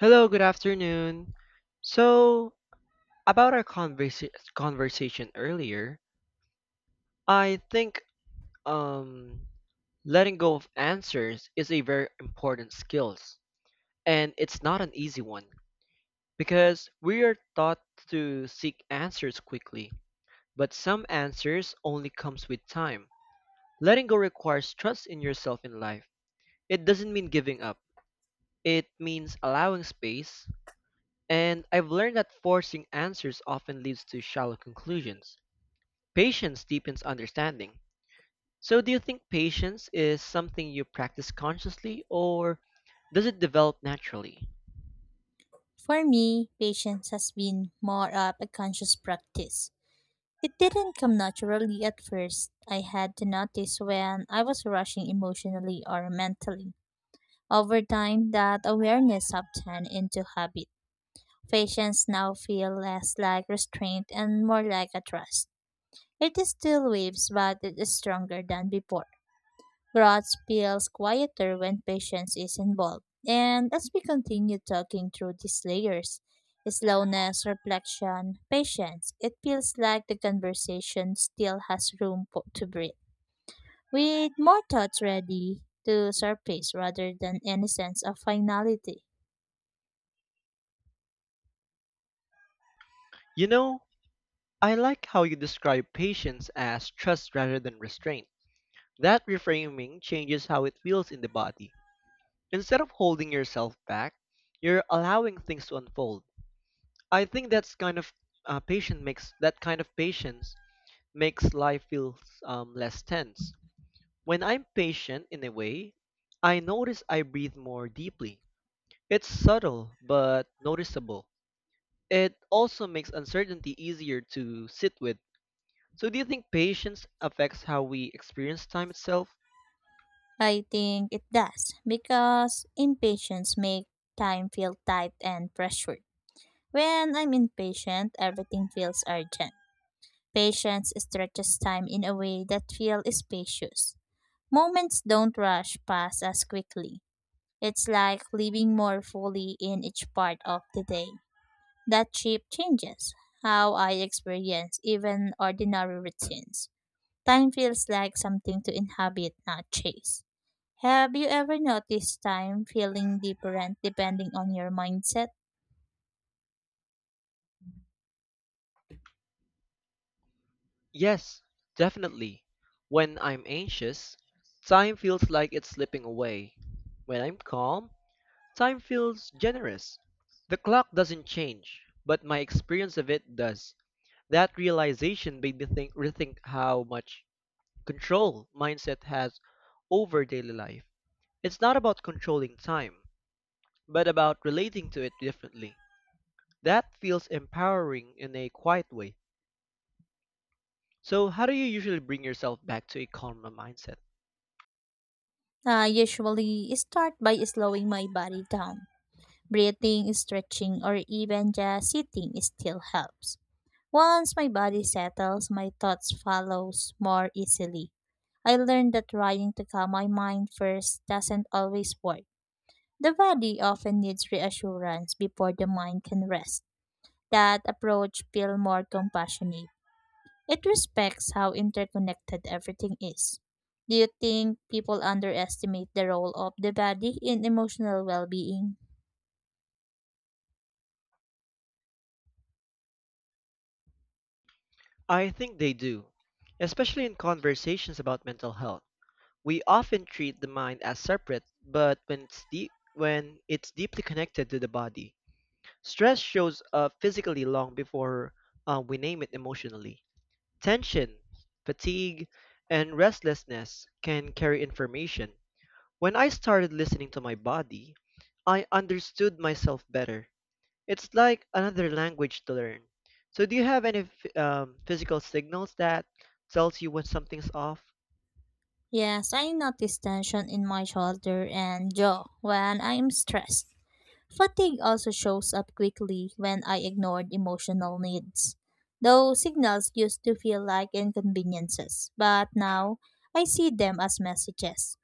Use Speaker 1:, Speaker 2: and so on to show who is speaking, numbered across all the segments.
Speaker 1: Hello, good afternoon. So, about our conversation earlier, I think um, letting go of answers is a very important skill, and it's not an easy one because we are taught to seek answers quickly, but some answers only comes with time. Letting go requires trust in yourself in life. It doesn't mean giving up. It means allowing space. And I've learned that forcing answers often leads to shallow conclusions. Patience deepens understanding. So, do you think patience is something you practice consciously or does it develop naturally?
Speaker 2: For me, patience has been more of a conscious practice. It didn't come naturally at first. I had to notice when I was rushing emotionally or mentally. Over time, that awareness turned into habit. Patience now feels less like restraint and more like a trust. It still waves, but it is stronger than before. Growth feels quieter when patience is involved. And as we continue talking through these layers, slowness, reflection, patience, it feels like the conversation still has room for, to breathe. With more thoughts ready to surface rather than any sense of finality.
Speaker 1: You know, I like how you describe patience as trust rather than restraint. That reframing changes how it feels in the body. Instead of holding yourself back, you're allowing things to unfold. I think that's kind of patient makes that kind of patience makes life feel less tense. When I'm patient in a way, I notice I breathe more deeply. It's subtle but noticeable. It also makes uncertainty easier to sit with. So, do you think patience affects how we experience time itself?
Speaker 2: I think it does because impatience makes time feel tight and pressured. When I'm impatient, everything feels urgent. Patience stretches time in a way that feels spacious. Moments don't rush past as quickly. It's like living more fully in each part of the day. That shift changes how I experience even ordinary routines. Time feels like something to inhabit, not chase. Have you ever noticed time feeling different depending on your mindset?
Speaker 1: Yes, definitely. When I'm anxious, time feels like it's slipping away. When I'm calm, time feels generous. The clock doesn't change, but my experience of it does. That realization made me rethink how much control mindset has over daily life. It's not about controlling time, but about relating to it differently. That feels empowering in a quiet way. So, how do you usually bring yourself back to a calmer mindset?
Speaker 2: I usually start by slowing my body down. Breathing, stretching, or even just sitting still helps. Once my body settles, my thoughts follows more easily. I learned that trying to calm my mind first doesn't always work. The body often needs reassurance before the mind can rest. That approach feels more compassionate. It respects how interconnected everything is. Do you think people underestimate the role of the body in emotional well-being?
Speaker 1: I think they do, especially in conversations about mental health. We often treat the mind as separate, but when it's deeply connected to the body, stress shows up physically long before we name it emotionally. Tension, fatigue, and restlessness can carry information. When I started listening to my body, I understood myself better. It's like another language to learn. So do you have any physical signals that tells you when something's off?
Speaker 2: Yes, I notice tension in my shoulder and jaw when I am stressed. Fatigue also shows up quickly when I ignored emotional needs. Those signals used to feel like inconveniences, but now I see them as messages.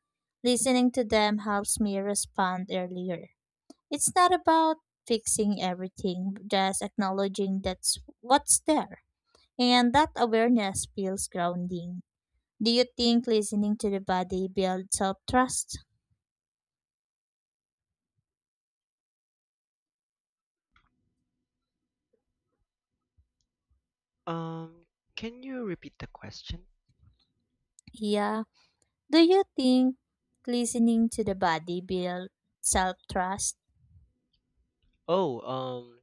Speaker 2: Listening to them helps me respond earlier. It's not about fixing everything, just acknowledging that's what's there. And that awareness feels grounding. Do you think listening to the body builds self trust?
Speaker 1: Um, can you repeat the question?
Speaker 2: Yeah. Do you think listening to the body builds self trust?
Speaker 1: Oh, um,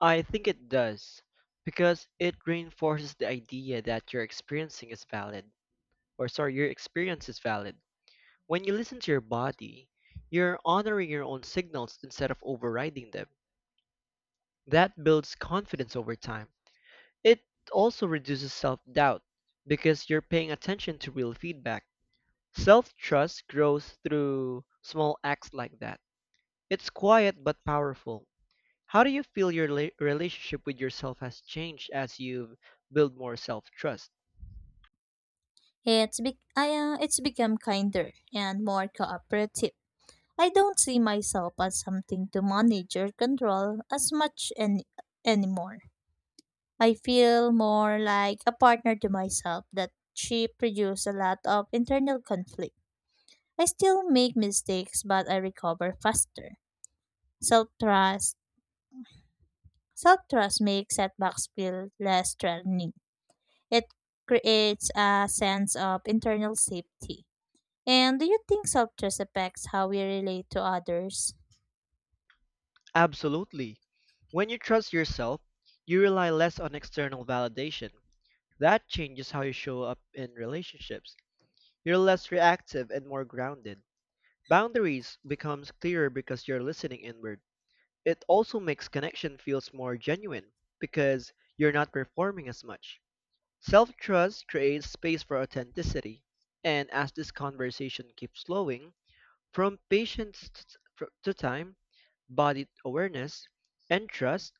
Speaker 1: I think it does because it reinforces the idea that your experiencing is valid, or sorry, your experience is valid. When you listen to your body, you're honoring your own signals instead of overriding them. That builds confidence over time. It also reduces self-doubt, because you're paying attention to real feedback. Self-trust grows through small acts like that. It's quiet but powerful. How do you feel your relationship with yourself has changed as you build more self-trust?
Speaker 2: It's become kinder and more cooperative. I don't see myself as something to manage or control as much anymore. I feel more like a partner to myself that she produced a lot of internal conflict. I still make mistakes, but I recover faster. Self trust Self trust makes setbacks feel less threatening. It creates a sense of internal safety. And do you think self trust affects how we relate to others?
Speaker 1: Absolutely. When you trust yourself, you rely less on external validation. That changes how you show up in relationships. You're less reactive and more grounded. Boundaries becomes clearer because you're listening inward. It also makes connection feels more genuine because you're not performing as much. Self-trust creates space for authenticity, and as this conversation keeps flowing, from patience to time, body awareness, and trust,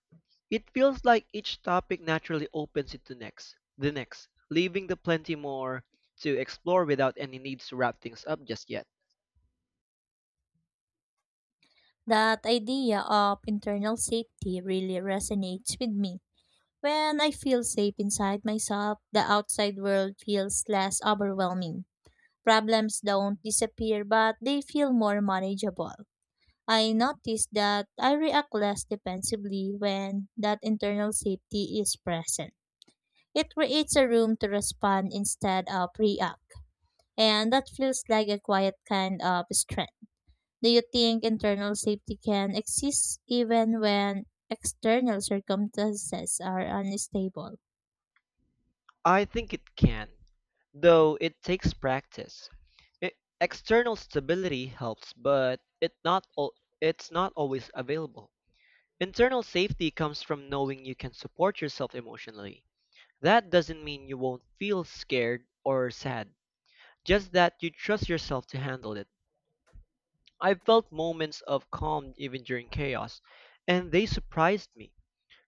Speaker 1: it feels like each topic naturally opens into the next, leaving the plenty more to explore without any need to wrap things up just yet.
Speaker 2: That idea of internal safety really resonates with me. When I feel safe inside myself, the outside world feels less overwhelming. Problems don't disappear, but they feel more manageable. I notice that I react less defensively when that internal safety is present. It creates a room to respond instead of react, and that feels like a quiet kind of strength. Do you think internal safety can exist even when external circumstances are unstable?
Speaker 1: I think it can, though it takes practice. E- External stability helps, but it's not always available. Internal safety comes from knowing you can support yourself emotionally. That doesn't mean you won't feel scared or sad, just that you trust yourself to handle it. I felt moments of calm even during chaos, and they surprised me.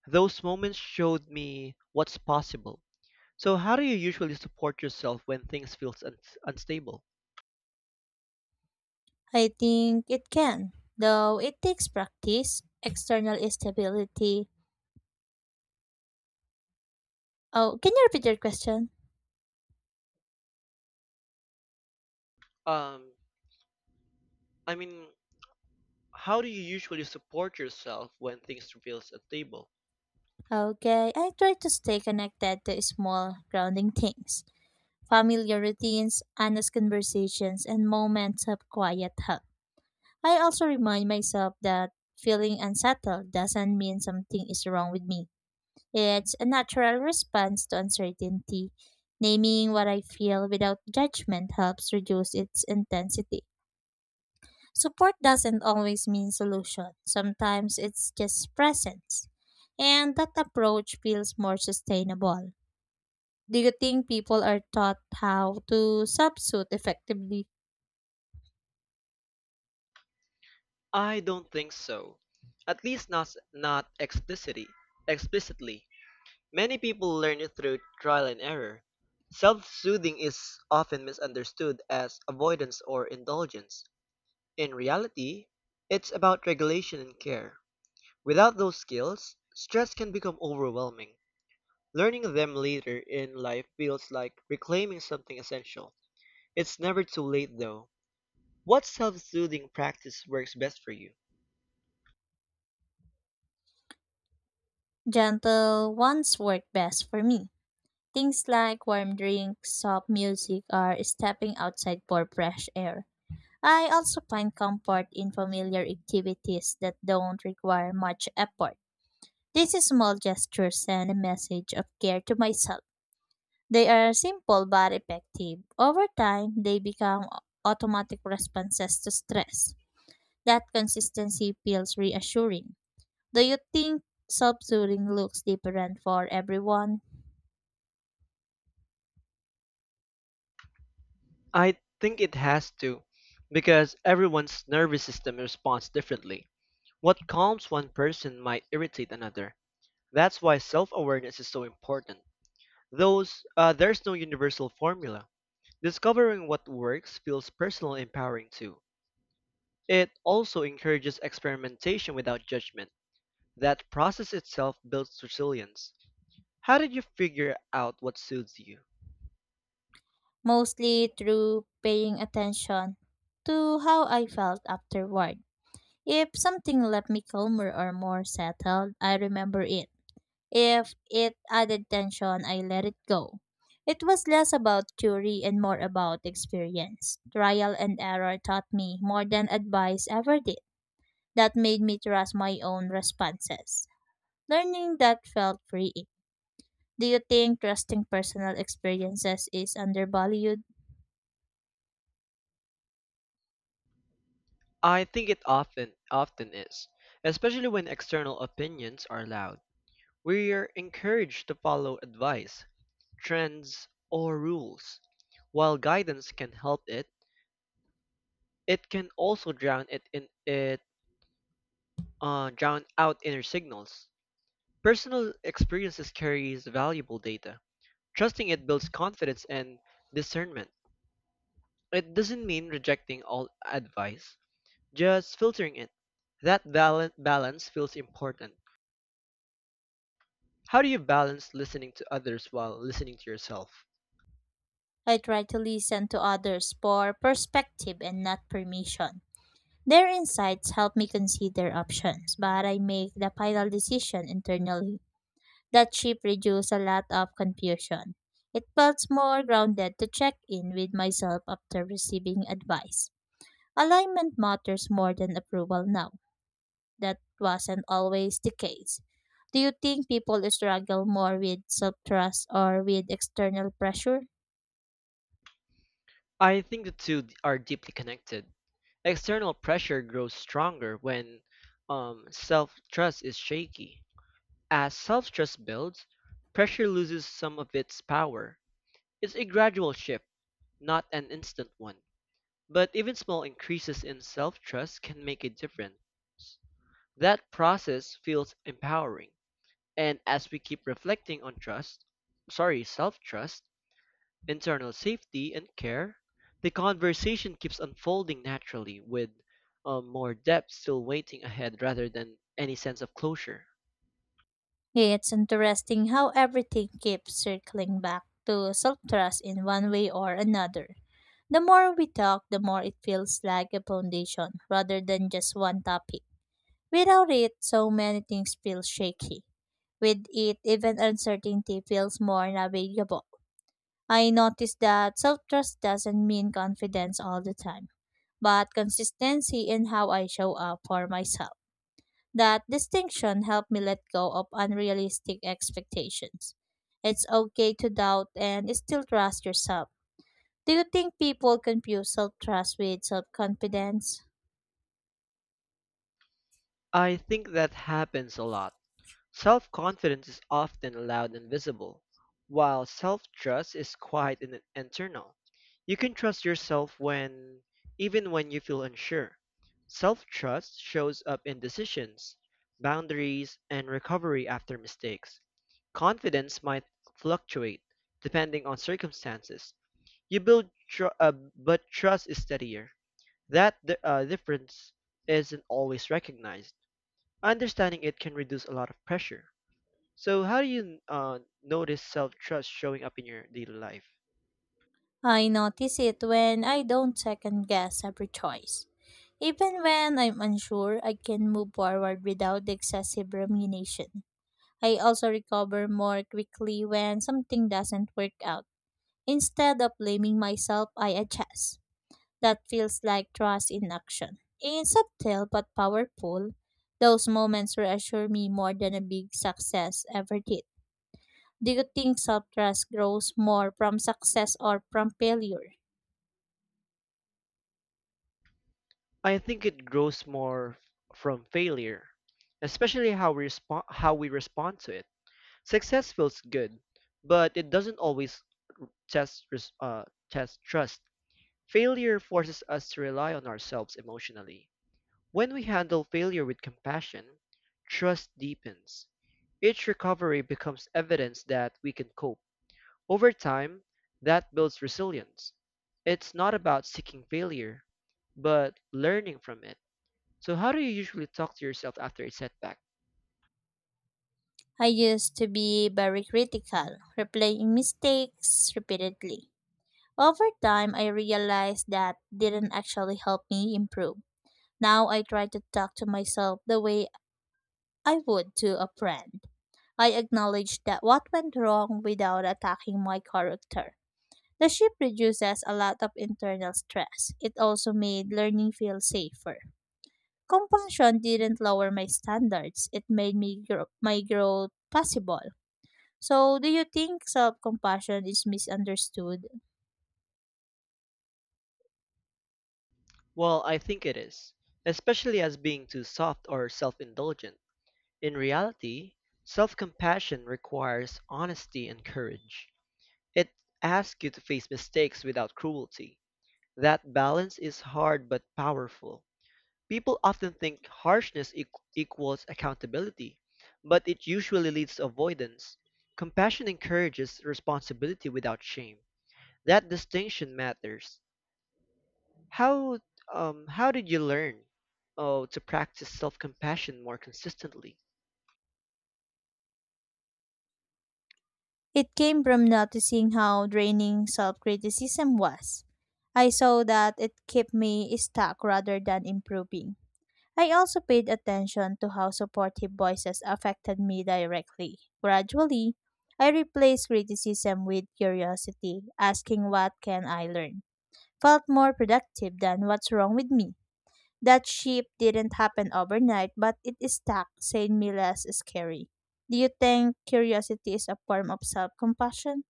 Speaker 1: Those moments showed me what's possible. So, how do you usually support yourself when things feels unstable?
Speaker 2: I think it can, though it takes practice. External stability. Oh, can you repeat your question?
Speaker 1: Um, I mean, how do you usually support yourself when things feels unstable?
Speaker 2: Okay, I try to stay connected to small, grounding things, familiar routines, honest conversations, and moments of quiet help. I also remind myself that feeling unsettled doesn't mean something is wrong with me. It's a natural response to uncertainty. Naming what I feel without judgment helps reduce its intensity. Support doesn't always mean solution, sometimes it's just presence. And that approach feels more sustainable. Do you think people are taught how to substitute effectively?
Speaker 1: I don't think so. At least not explicitly. Explicitly, many people learn it through trial and error. Self-soothing is often misunderstood as avoidance or indulgence. In reality, it's about regulation and care. Without those skills, stress can become overwhelming. Learning them later in life feels like reclaiming something essential. It's never too late though. What self-soothing practice works best for you?
Speaker 2: Gentle ones work best for me. Things like warm drinks, soft music, or stepping outside for fresh air. I also find comfort in familiar activities that don't require much effort. These small gestures send a message of care to myself. They are simple but effective. Over time, they become automatic responses to stress. That consistency feels reassuring. Do you think subtooling looks different for everyone?
Speaker 1: I think it has to, because everyone's nervous system responds differently. What calms one person might irritate another. That's why self-awareness is so important. Those There's no universal formula. Discovering what works feels personal empowering too. It also encourages experimentation without judgment. That process itself builds resilience. How did you figure out what soothes you?
Speaker 2: Mostly through paying attention to how I felt afterward. If something left me calmer or more settled, I remember it. If it added tension, I let it go. It was less about theory and more about experience. Trial and error taught me more than advice ever did. That made me trust my own responses. Learning that felt freeing. Do you think trusting personal experiences is undervalued?
Speaker 1: I think it often is, especially when external opinions are loud. We are encouraged to follow advice, trends, or rules. While guidance can help it, it can also drown it in it drown out inner signals. Personal experiences carries valuable data. Trusting it builds confidence and discernment. It doesn't mean rejecting all advice, just filtering it. That balance feels important. How do you balance listening to others while listening to yourself?
Speaker 2: I try to listen to others for perspective and not permission. Their insights help me consider options, but I make the final decision internally. That shift reduced a lot of confusion. It felt more grounded to check in with myself after receiving advice. Alignment matters more than approval now. That wasn't always the case. Do you think people struggle more with self trust or with external pressure?
Speaker 1: I think the two are deeply connected. External pressure grows stronger when self trust is shaky. As self trust builds, pressure loses some of its power. It's a gradual shift, not an instant one. But even small increases in self trust can make a difference. That process feels empowering. And as we keep reflecting on self trust, internal safety, and care, the conversation keeps unfolding naturally with more depth still waiting ahead rather than any sense of closure.
Speaker 2: It's interesting how everything keeps circling back to self trust in one way or another. The more we talk, the more it feels like a foundation rather than just one topic. Without it, so many things feel shaky. With it, even uncertainty feels more navigable. I noticed that self trust doesn't mean confidence all the time, but consistency in how I show up for myself. That distinction helped me let go of unrealistic expectations. It's okay to doubt and still trust yourself. Do you think people confuse self trust with self confidence?
Speaker 1: I think that happens a lot. Self-confidence is often loud and visible, while self-trust is quiet and internal. You can trust yourself when even when you feel unsure. Self-trust shows up in decisions, boundaries, and recovery after mistakes. Confidence might fluctuate depending on circumstances. But trust is steadier. That difference isn't always recognized. Understanding it can reduce a lot of pressure. So, how do you notice self trust showing up in your daily life?
Speaker 2: I notice it when I don't second guess every choice. Even when I'm unsure, I can move forward without excessive rumination. I also recover more quickly when something doesn't work out. Instead of blaming myself, I adjust. That feels like trust in action. It's subtle but powerful. Those moments reassure me more than a big success ever did. Do you think self trust grows more from success or from failure?
Speaker 1: I think it grows more from failure, especially how we respond to it. Success feels good, but it doesn't always test, res- uh, test trust. Failure forces us to rely on ourselves emotionally. When we handle failure with compassion, trust deepens. Each recovery becomes evidence that we can cope. Over time, that builds resilience. It's not about seeking failure, but learning from it. So, how do you usually talk to yourself after a setback?
Speaker 2: I used to be very critical, replaying mistakes repeatedly. Over time, I realized that didn't actually help me improve. Now I try to talk to myself the way I would to a friend. I acknowledge that what went wrong without attacking my character. The shift reduces a lot of internal stress. It also made learning feel safer. Compassion didn't lower my standards. It made me grow, my growth possible. So, do you think self-compassion is misunderstood?
Speaker 1: Well, I think it is, especially as being too soft or self indulgent. In reality, self compassion requires honesty and courage. It asks you to face mistakes without cruelty. That balance is hard but powerful. People often think equals accountability, but it usually leads to avoidance. Compassion encourages responsibility without shame. That distinction matters. How how did you learn oh, to practice self-compassion more consistently?
Speaker 2: It came from noticing how draining self criticism was. I saw that it kept me stuck rather than improving. I also paid attention to how supportive voices affected me directly. Gradually, I replaced criticism with curiosity, asking what can I learn. Felt more productive than what's wrong with me. That shift didn't happen overnight, but it stuck, saying me less scary. Do you think curiosity is a form of self compassion?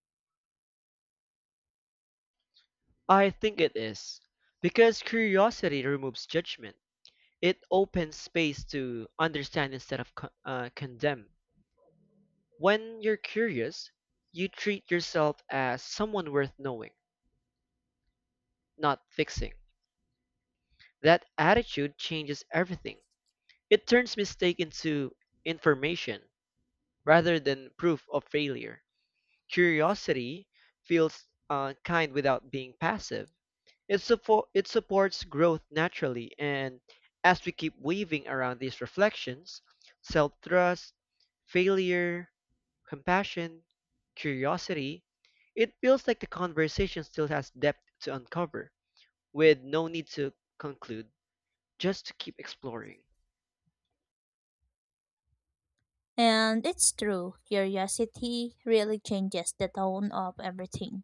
Speaker 1: I think it is because curiosity removes judgment. It opens space to understand instead of condemn. When you're curious, you treat yourself as someone worth knowing. Not fixing. That attitude changes everything. It turns mistake into information rather than proof of failure. Curiosity feels kind without being passive. It supports growth naturally, and as we keep weaving around these reflections, self trust, failure, compassion, curiosity, it feels like the conversation still has depth to uncover, with no need to conclude, just to keep exploring.
Speaker 2: And it's true, curiosity really changes the tone of everything.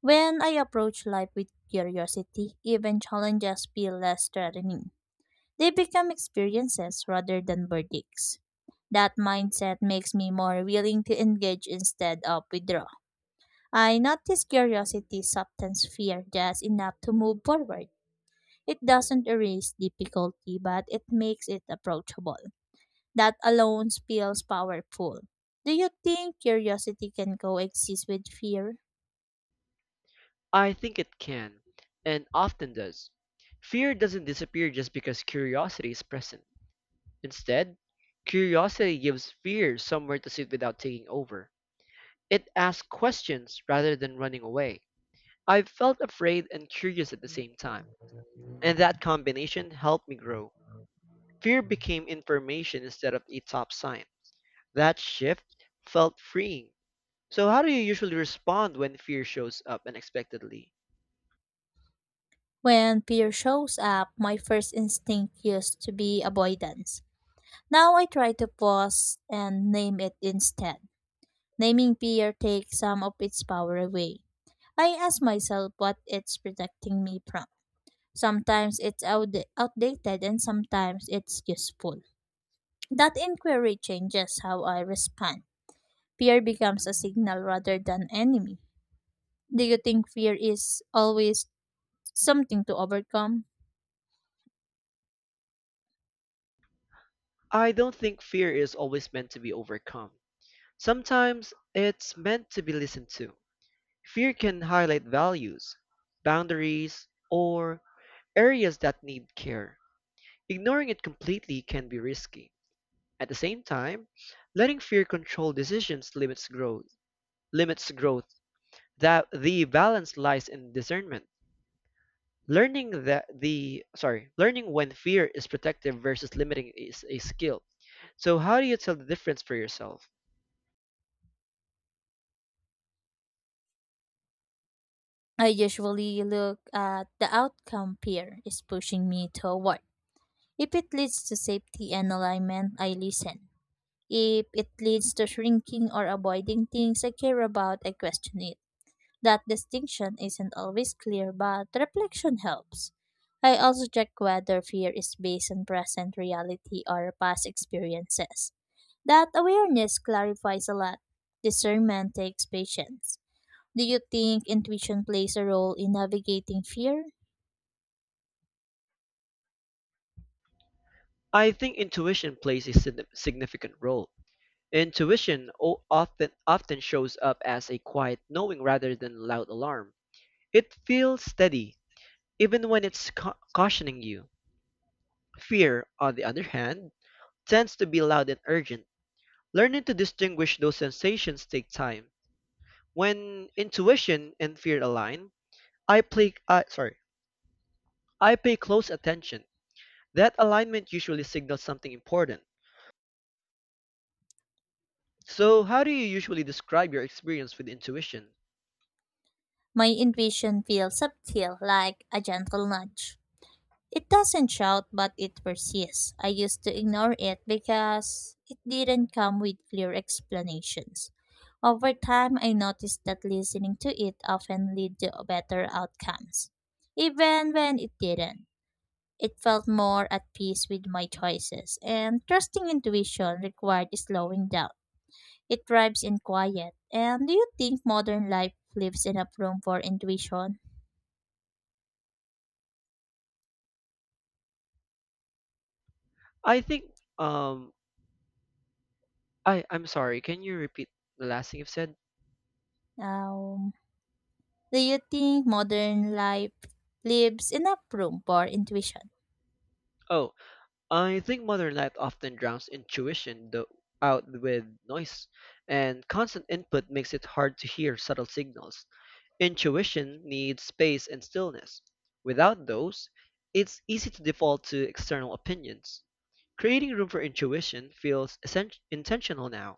Speaker 2: When I approach life with curiosity, even challenges feel less threatening. They become experiences rather than verdicts. That mindset makes me more willing to engage instead of withdraw. I notice curiosity softens fear just enough to move forward. It doesn't erase difficulty, but it makes it approachable. That alone feels powerful. Do you think curiosity can coexist with fear?
Speaker 1: I think it can, and often does. Fear doesn't disappear just because curiosity is present. Instead, curiosity gives fear somewhere to sit without taking over. It asks questions rather than running away. I've felt afraid and curious at the same time, and that combination helped me grow. Fear became information instead of a top sign. That shift felt freeing. So, how do you usually respond when fear shows up unexpectedly?
Speaker 2: When fear shows up, my first instinct used to be avoidance. Now I try to pause and name it instead. Naming fear takes some of its power away. I ask myself what it's protecting me from. Sometimes it's outdated and sometimes it's useful. That inquiry changes how I respond. Fear becomes a signal rather than enemy. Do you think fear is always something to overcome?
Speaker 1: I don't think fear is always meant to be overcome. Sometimes it's meant to be listened to. Fear can highlight values, boundaries, or areas that need care. Ignoring it completely can be risky. At the same time, letting fear control decisions limits growth. Limits growth. That the balance lies in discernment. Learning learning when fear is protective versus limiting is a skill. So how do you tell the difference for yourself?
Speaker 2: I usually look at the outcome fear is pushing me toward. If it leads to safety and alignment, I listen. If it leads to shrinking or avoiding things I care about, I question it. That distinction isn't always clear, but reflection helps. I also check whether fear is based on present reality or past experiences. That awareness clarifies a lot. Discernment takes patience. Do you think intuition plays a role in navigating fear?
Speaker 1: I think intuition plays a significant role. Intuition often shows up as a quiet knowing rather than loud alarm. It feels steady even when it's cautioning you. Fear, on the other hand, tends to be loud and urgent. Learning to distinguish those sensations take time. When intuition and fear align, I play uh, sorry, I pay close attention. That alignment usually signals something important. So, how do you usually describe your experience with intuition?
Speaker 2: My intuition feels subtle, like a gentle nudge. It doesn't shout, but it persists. I used to ignore it because it didn't come with clear explanations. Over time, I noticed that listening to it often led to better outcomes, even when it didn't. It felt more at peace with my choices, and trusting intuition required slowing down. It thrives in quiet. And do you think modern life leaves enough room for intuition?
Speaker 1: I think um I I'm sorry, can you repeat the last thing you've said?
Speaker 2: Um, do you think modern life leaves enough room for intuition?
Speaker 1: Oh, I think modern life often drowns intuition though out with noise, and constant input makes it hard to hear subtle signals. Intuition needs space and stillness. Without those, it's easy to default to external opinions. Creating room for intuition feels intentional now.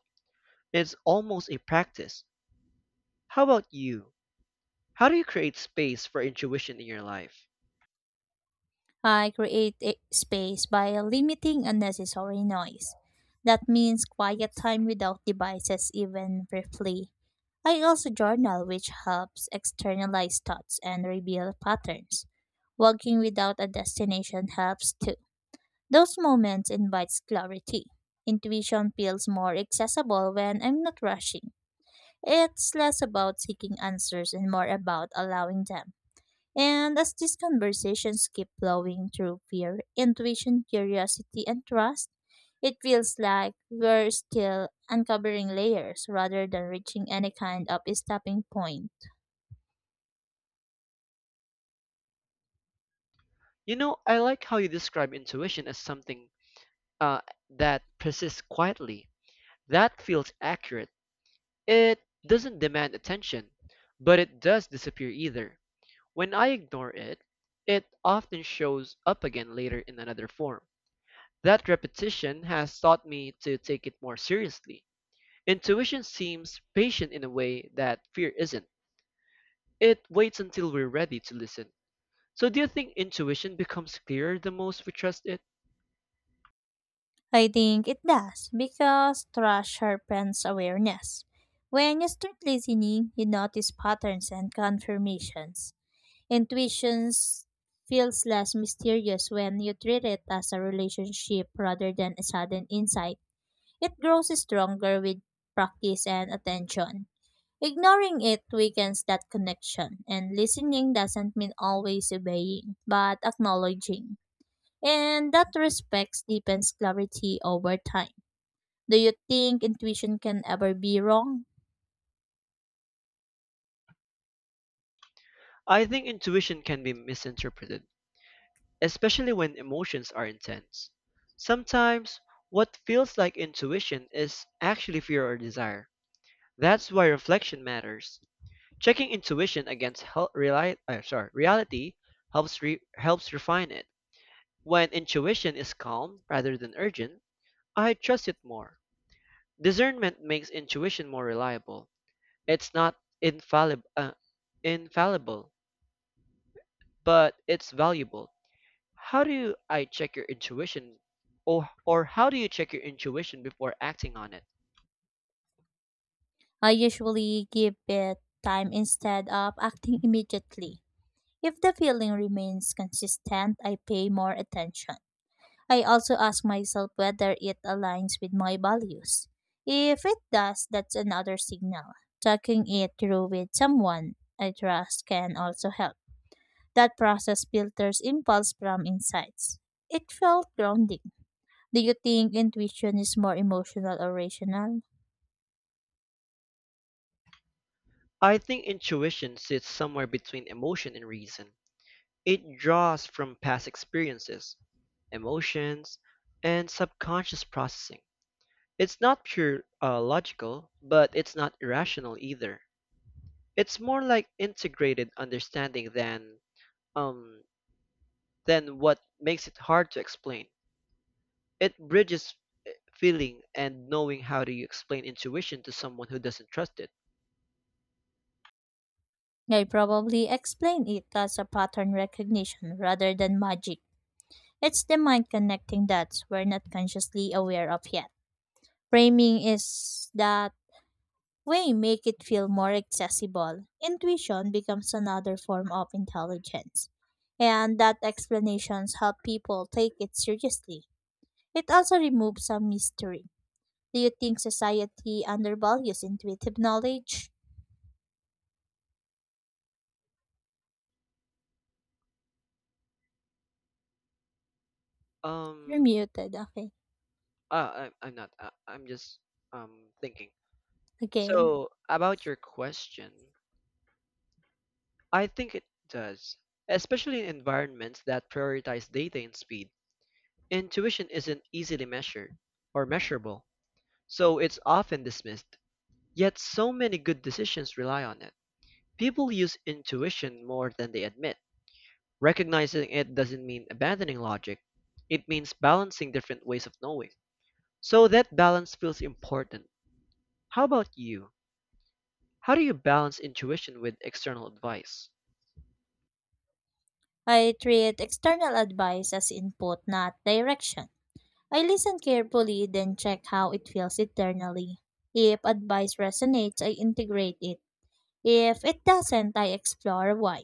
Speaker 1: It's almost a practice. How about you? How do you create space for intuition in your life?
Speaker 2: I create a space by limiting unnecessary noise. That means quiet time without devices, even briefly. I also journal, which helps externalize thoughts and reveal patterns. Walking without a destination helps too. Those moments invites clarity. Intuition feels more accessible when I'm not rushing. It's less about seeking answers and more about allowing them. And as these conversations keep flowing through fear, intuition, curiosity, and trust, it feels like we're still uncovering layers rather than reaching any kind of stopping point.
Speaker 1: You know, I like how you describe intuition as something uh, that persists quietly. That feels accurate. It doesn't demand attention, but it does disappear either. When I ignore it, it often shows up again later in another form. That repetition has taught me to take it more seriously. Intuition seems patient in a way that fear isn't. It waits until we're ready to listen. So, do you think intuition becomes clearer the most we trust it?
Speaker 2: I think it does because trust sharpens awareness. When you start listening, you notice patterns and confirmations. Intuitions feels less mysterious when you treat it as a relationship rather than a sudden insight. It grows stronger with practice and attention. Ignoring it weakens that connection, and listening doesn't mean always obeying, but acknowledging. And that respect deepens clarity over time. Do you think intuition can ever be wrong?
Speaker 1: I think intuition can be misinterpreted, especially when emotions are intense. Sometimes, what feels like intuition is actually fear or desire. That's why reflection matters. Checking intuition against reality helps refine it. When intuition is calm rather than urgent, I trust it more. Discernment makes intuition more reliable. It's not infallib- uh, infallible but it's valuable. How do you, I check your intuition or how do you check your intuition before acting on it?
Speaker 2: I usually give it time instead of acting immediately. If the feeling remains consistent, I pay more attention. I also ask myself whether it aligns with my values. If it does, that's another signal. Talking it through with someone I trust can also help. That process filters impulse from insights. It felt grounding. Do you think intuition is more emotional or rational?
Speaker 1: I think intuition sits somewhere between emotion and reason. It draws from past experiences, emotions, and subconscious processing. It's not pure logical, but it's not irrational either. It's more like integrated understanding um than what makes it hard to explain. It bridges feeling and knowing. How do you explain intuition to someone who doesn't trust it?
Speaker 2: I probably explain it as a pattern recognition rather than magic. It's the mind connecting dots we're not consciously aware of yet. Framing is that way make it feel more accessible. Intuition becomes another form of intelligence, and that explanations help people take it seriously. It also removes some mystery. Do you think society undervalues intuitive knowledge? You're
Speaker 1: Um,
Speaker 2: muted. Okay.
Speaker 1: I'm not. I'm just thinking.
Speaker 2: Again,
Speaker 1: So about your question, I think it does, especially in environments that prioritize data and speed. Intuition isn't easily measured or measurable, so it's often dismissed. Yet so many good decisions rely on it. People use intuition more than they admit. Recognizing it doesn't mean abandoning logic, it means balancing different ways of knowing. So that balance feels important. How about you? How do you balance intuition with external advice?
Speaker 2: I treat external advice as input, not direction. I listen carefully, then check how it feels internally. If advice resonates, I integrate it. If it doesn't, I explore why.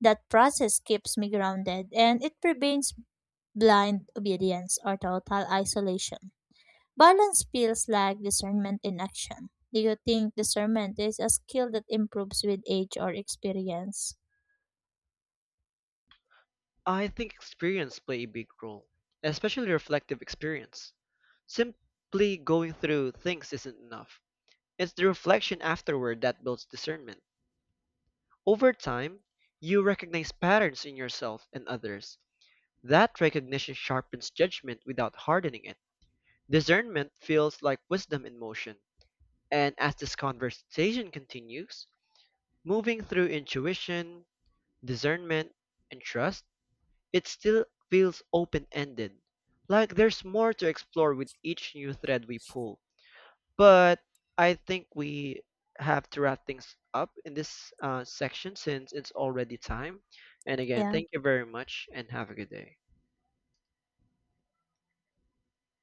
Speaker 2: That process keeps me grounded and it prevents blind obedience or total isolation. Balance feels like discernment in action. Do you think discernment is a skill that improves with age or experience?
Speaker 1: I think experience play a big role, especially reflective experience. Simply going through things isn't enough. It's the reflection afterward that builds discernment. Over time, you recognize patterns in yourself and others. That recognition sharpens judgment without hardening it. Discernment feels like wisdom in motion. And as this conversation continues, moving through intuition, discernment, and trust, it still feels open ended. Like there's more to explore with each new thread we pull. But I think we have to wrap things up in this section since it's already time. And again,
Speaker 2: Yeah.
Speaker 1: thank you very much and have a good day.